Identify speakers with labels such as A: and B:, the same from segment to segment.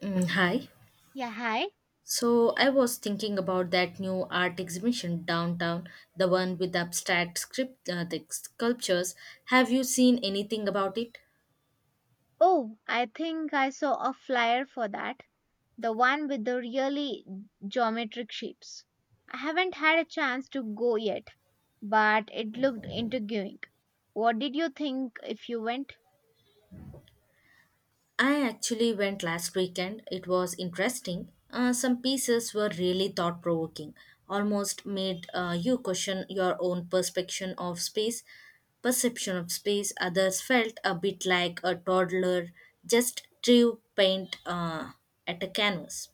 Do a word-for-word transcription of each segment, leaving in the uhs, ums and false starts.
A: Mm, hi.
B: Yeah, hi.
A: So I was thinking about that new art exhibition downtown, the one with the abstract script, uh, the sculptures. Have you seen anything about it?
B: Oh, I think I saw a flyer for that. The one with the really geometric shapes. I haven't had a chance to go yet, but it looked intriguing. What did you think if you went?
A: I actually went last weekend. It was interesting. Uh, some pieces were really thought provoking, almost made uh, you question your own perception of space. Perception of space. Others felt a bit like a toddler just drew paint uh, at a canvas.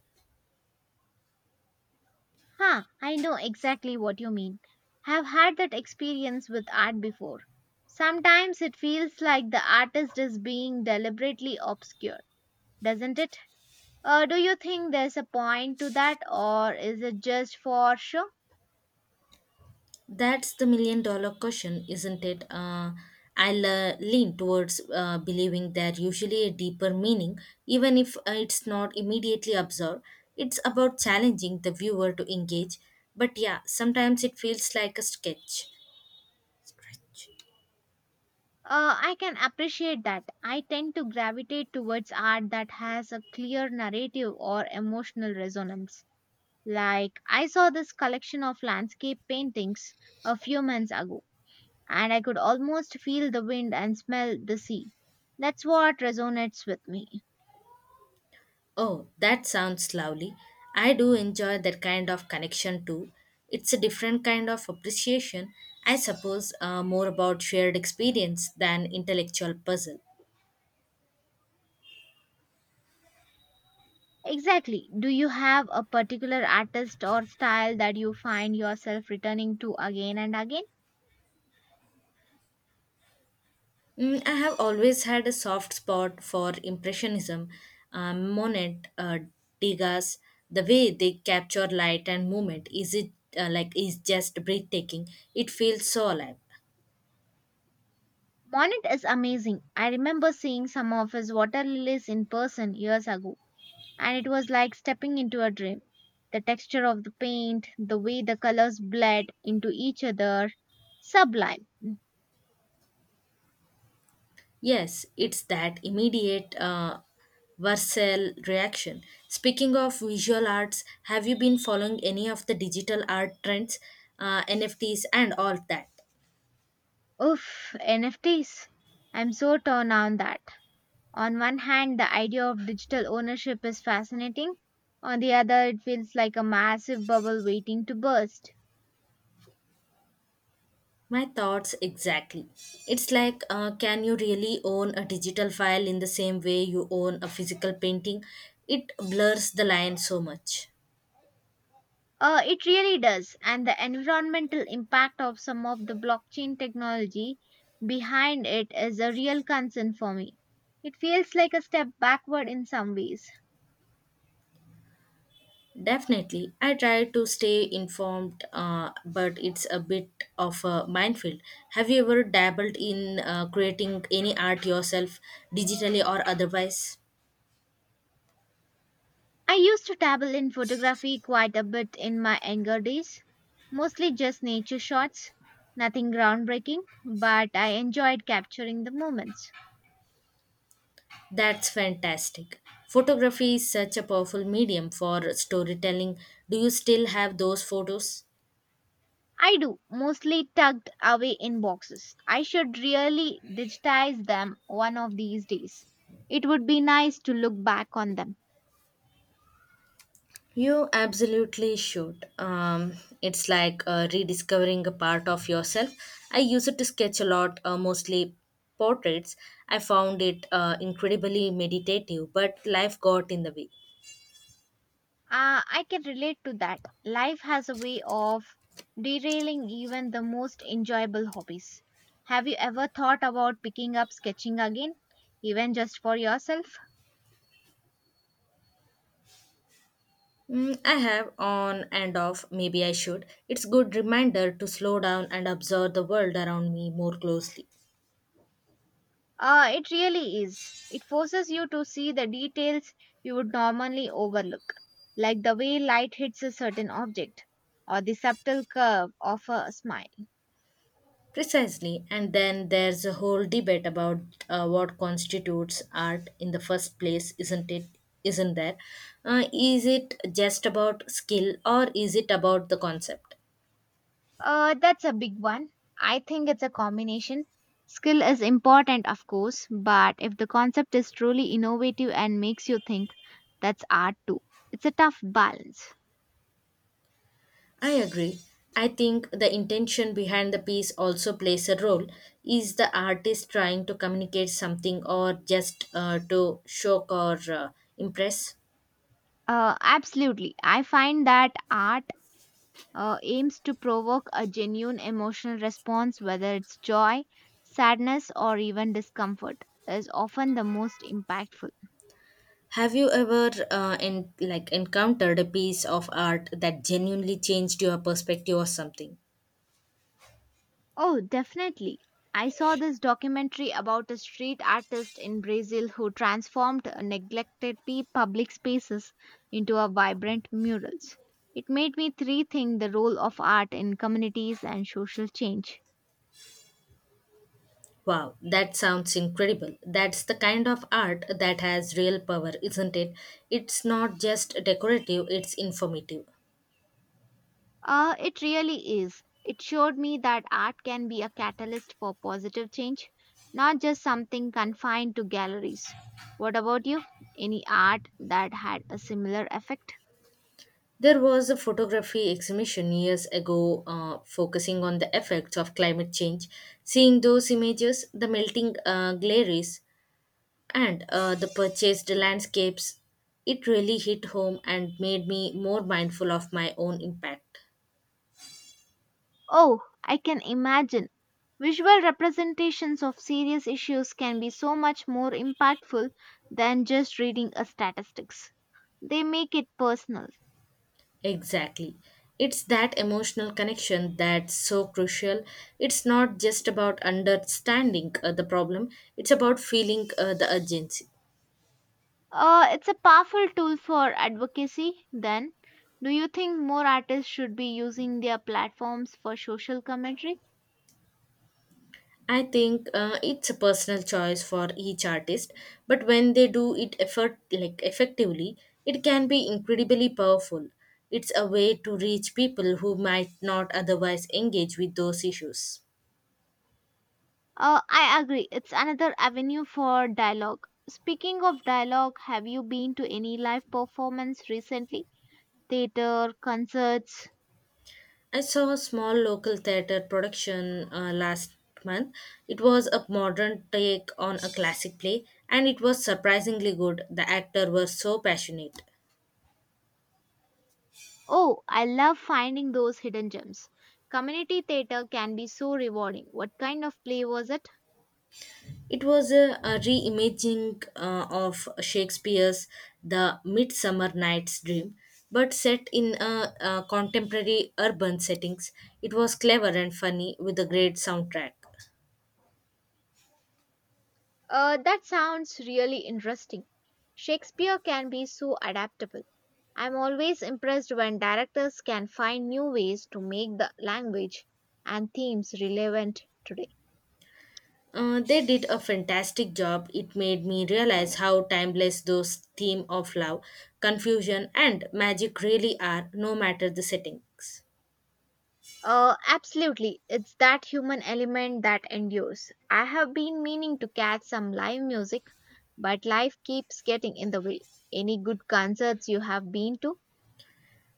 B: Huh, I know exactly what you mean. I've had that experience with art before. Sometimes it feels like the artist is being deliberately obscure, doesn't it? Uh, do you think there's a point to that, or is it just for show?
A: That's the million dollar question, isn't it? Uh, I'll uh, lean towards uh, believing that usually a deeper meaning, even if uh, it's not immediately absorbed. It's about challenging the viewer to engage. But yeah, sometimes it feels like a sketch. Stretch.
B: Uh, I can appreciate that. I tend to gravitate towards art that has a clear narrative or emotional resonance. Like, I saw this collection of landscape paintings a few months ago, and I could almost feel the wind and smell the sea. That's what resonates with me.
A: Oh, that sounds lovely. I do enjoy that kind of connection too. It's a different kind of appreciation, I suppose, uh, more about shared experience than intellectual puzzle.
B: Exactly. Do you have a particular artist or style that you find yourself returning to again and again?
A: Mm, I have always had a soft spot for Impressionism, um, Monet, uh, Degas. The way they capture light and movement is it uh, like is just breathtaking. It feels so alive.
B: Monet is amazing. I remember seeing some of his water lilies in person years ago and it was like stepping into a dream. The texture of the paint, the way the colors bled into each other, sublime.
A: Yes, it's that immediate uh, Vercel reaction. Speaking of visual arts, have you been following any of the digital art trends, uh, N F Ts, and all that?
B: Oof, N F Ts. I'm so torn on that. On one hand, the idea of digital ownership is fascinating. On the other, it feels like a massive bubble waiting to burst.
A: My thoughts exactly. It's like, uh, can you really own a digital file in the same way you own a physical painting? It blurs the line so much.
B: Uh, it really does. And the environmental impact of some of the blockchain technology behind it is a real concern for me. It feels like a step backward in some ways.
A: Definitely, I try to stay informed, uh, but it's a bit of a minefield. Have you ever dabbled in uh, creating any art yourself, digitally or otherwise?
B: I used to dabble in photography quite a bit in my younger days, mostly just nature shots, nothing groundbreaking, but I enjoyed capturing the moments.
A: That's fantastic. Photography is such a powerful medium for storytelling. Do you still have those photos?
B: I do, mostly tucked away in boxes. I should really digitize them one of these days. It would be nice to look back on them.
A: You absolutely should. Um, it's like uh, rediscovering a part of yourself. I use it to sketch a lot, uh, mostly portraits. I found it uh, incredibly meditative, but life got in the way.
B: Ah, I can relate to that. Life has a way of derailing even the most enjoyable hobbies. Have you ever thought about picking up sketching again, even just for yourself?
A: Mm, I have on and off, maybe I should. It's good reminder to slow down and observe the world around me more closely.
B: Uh, it really is. It forces you to see the details you would normally overlook, like the way light hits a certain object or the subtle curve of a smile.
A: Precisely. And then there's a whole debate about uh, what constitutes art in the first place, isn't it? Isn't there? Uh, is it just about skill or is it about the concept?
B: Uh, that's a big one. I think it's a combination. Skill is important, of course, but if the concept is truly innovative and makes you think, that's art too. It's a tough balance.
A: I agree. I think the intention behind the piece also plays a role. Is the artist trying to communicate something or just uh, to shock or uh, impress?
B: Uh, absolutely. I find that art uh, aims to provoke a genuine emotional response, whether it's joy, sadness, or even discomfort, is often the most impactful.
A: Have you ever uh, in like encountered a piece of art that genuinely changed your perspective or something?
B: Oh, definitely. I saw this documentary about a street artist in Brazil who transformed neglected pe- public spaces into a vibrant murals. It made me rethink the role of art in communities and social change.
A: Wow, that sounds incredible. That's the kind of art that has real power, isn't it? It's not just decorative, it's informative.
B: Uh, it really is. It showed me that art can be a catalyst for positive change, not just something confined to galleries. What about you? Any art that had a similar effect?
A: There was a photography exhibition years ago uh, focusing on the effects of climate change. Seeing those images, the melting uh, glaciers, and uh, the purchased landscapes, it really hit home and made me more mindful of my own impact.
B: Oh, I can imagine. Visual representations of serious issues can be so much more impactful than just reading a statistics. They make it personal.
A: Exactly. It's that emotional connection that's so crucial. It's not just about understanding uh, the problem, it's about feeling uh, the urgency.
B: Uh, it's a powerful tool for advocacy, then. Do you think more artists should be using their platforms for social commentary?
A: I think uh, it's a personal choice for each artist, but when they do it effort like effectively, it can be incredibly powerful. It's a way to reach people who might not otherwise engage with those issues.
B: Uh, I agree, it's another avenue for dialogue. Speaking of dialogue, have you been to any live performance recently? Theatre, concerts?
A: I saw a small local theater production uh, last month. It was a modern take on a classic play, and it was surprisingly good. The actor was so passionate.
B: Oh, I love finding those hidden gems. Community theatre can be so rewarding. What kind of play was it?
A: It was a, a reimagining uh, of Shakespeare's The Midsummer Night's Dream, but set in a, a contemporary urban settings. It was clever and funny with a great soundtrack.
B: Uh, that sounds really interesting. Shakespeare can be so adaptable. I'm always impressed when directors can find new ways to make the language and themes relevant today.
A: Uh, they did a fantastic job. It made me realize how timeless those theme of love, confusion, and magic really are, no matter the settings.
B: Uh, absolutely, it's that human element that endures. I have been meaning to catch some live music, but life keeps getting in the way. Any good concerts you have been to?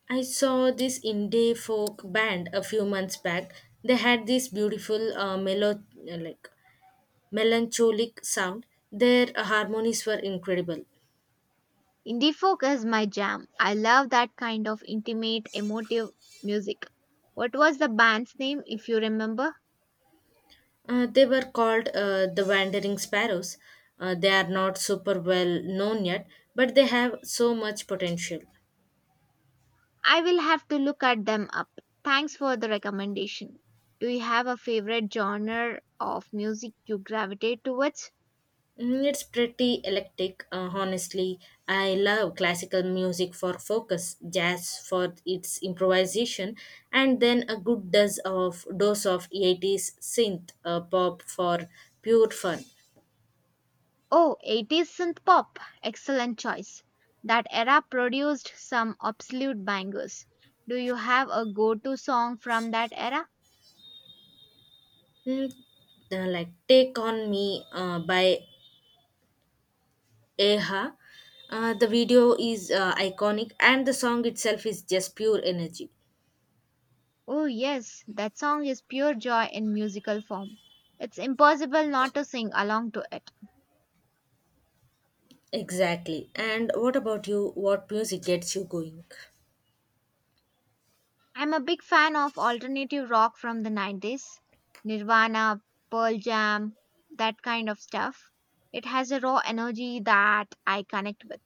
A: I saw this indie folk band a few months back. They had this beautiful uh, mellow like melancholic sound. Their uh, harmonies were incredible.
B: Indie folk is my jam. I love that kind of intimate, emotive music. What was the band's name, if you remember?
A: Uh, they were called uh, the Wandering Sparrows. Uh, they are not super well known yet, but they have so much potential.
B: I will have to look at them up. Thanks for the recommendation. Do you have a favorite genre of music you gravitate towards?
A: Mm, it's pretty eclectic, uh, honestly. I love classical music for focus, jazz for its improvisation, and then a good dose of dose of eighties synth uh, pop for pure fun.
B: Oh, eighties synth pop. Excellent choice. That era produced some absolute bangers. Do you have a go to song from that era?
A: Mm, uh, like Take On Me uh, by Eha. Uh, the video is uh, iconic and the song itself is just pure energy.
B: Oh, yes, that song is pure joy in musical form. It's impossible not to sing along to it.
A: Exactly. And what about you? What music gets you going?
B: I'm a big fan of alternative rock from the nineties Nirvana, Pearl Jam, that kind of stuff. It has a raw energy that I connect with.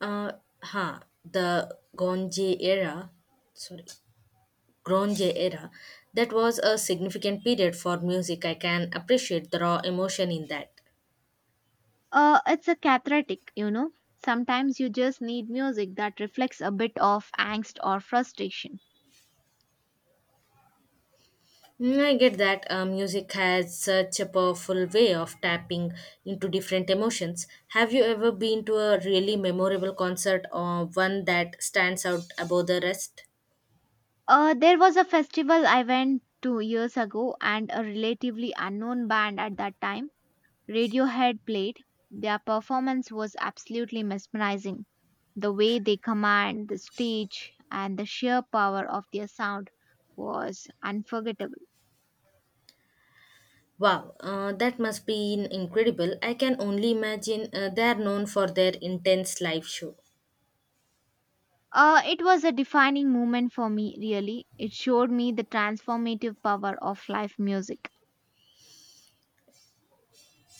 A: Uh, huh. The Gonje era, sorry, Gronje era, that was a significant period for music. I can appreciate the raw emotion in that.
B: Uh, it's a cathartic, you know. Sometimes you just need music that reflects a bit of angst or frustration.
A: Mm, I get that. Uh, music has such a powerful way of tapping into different emotions. Have you ever been to a really memorable concert or one that stands out above the rest?
B: Uh, there was a festival I went to years ago, and a relatively unknown band at that time Radiohead played, their performance was absolutely mesmerizing. The way they command the stage and the sheer power of their sound was unforgettable.
A: Wow, uh, that must be incredible. I can only imagine uh, they are known for their intense live show.
B: Uh, it was a defining moment for me, really. It showed me the transformative power of live music.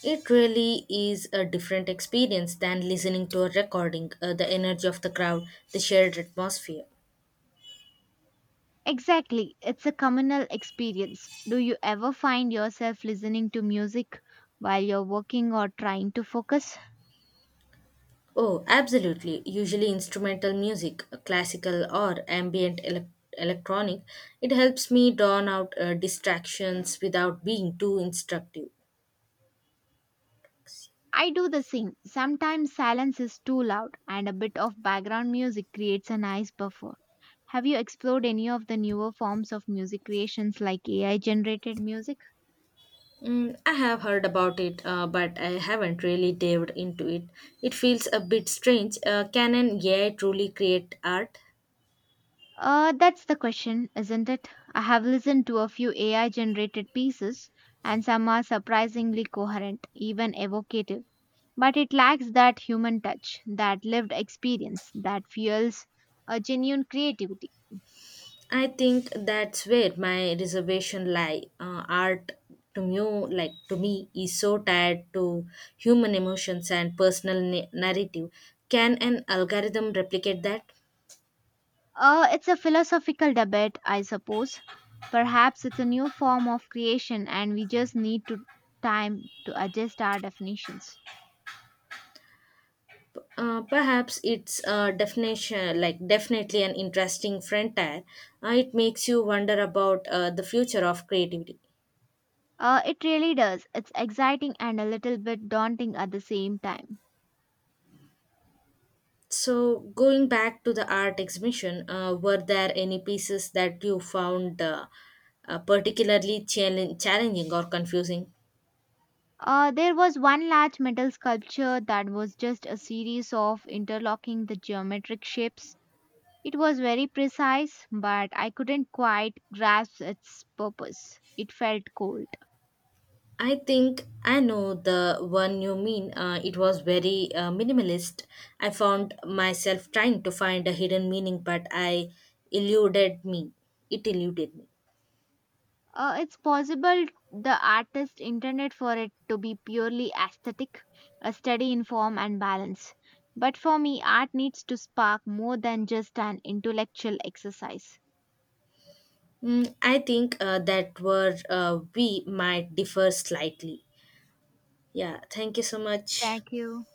A: It really is a different experience than listening to a recording, uh, the energy of the crowd, the shared atmosphere.
B: Exactly, it's a communal experience. Do you ever find yourself listening to music while you're working or trying to focus?
A: Oh, absolutely. Usually instrumental music, classical or ambient elec electronic, it helps me drown out uh, distractions without being too instructive.
B: I do the same. Sometimes silence is too loud and a bit of background music creates a nice buffer. Have you explored any of the newer forms of music creations like A I generated music?
A: Mm, I have heard about it, uh, but I haven't really dived into it. It feels a bit strange. Uh, can an A I truly create art?
B: Uh, that's the question, isn't it? I have listened to a few A I generated pieces and some are surprisingly coherent, even evocative. But it lacks that human touch, that lived experience that fuels a genuine creativity.
A: I think that's where my reservation lie. Uh, art to me, like to me, is so tied to human emotions and personal na- narrative. Can an algorithm replicate that?
B: Uh, it's a philosophical debate, I suppose. Perhaps it's a new form of creation and we just need to time to adjust our definitions.
A: Uh, perhaps it's a definition, like Definitely an interesting frontier. Uh, it makes you wonder about uh, the future of creativity.
B: Uh, it really does. It's exciting and a little bit daunting at the same time.
A: So, going back to the art exhibition, uh, were there any pieces that you found uh, uh, particularly challenge- challenging or confusing?
B: Uh, there was one large metal sculpture that was just a series of interlocking the geometric shapes. It was very precise, but I couldn't quite grasp its purpose. It felt cold.
A: I think I know the one you mean. Uh, it was very uh, minimalist. I found myself trying to find a hidden meaning, but I eluded me. It eluded me.
B: Uh, it's possible the artist intended for it to be purely aesthetic, a study in form and balance. But for me, art needs to spark more than just an intellectual exercise.
A: Mm, I think uh, that were uh, we might differ slightly. Yeah, thank you so much.
B: Thank you.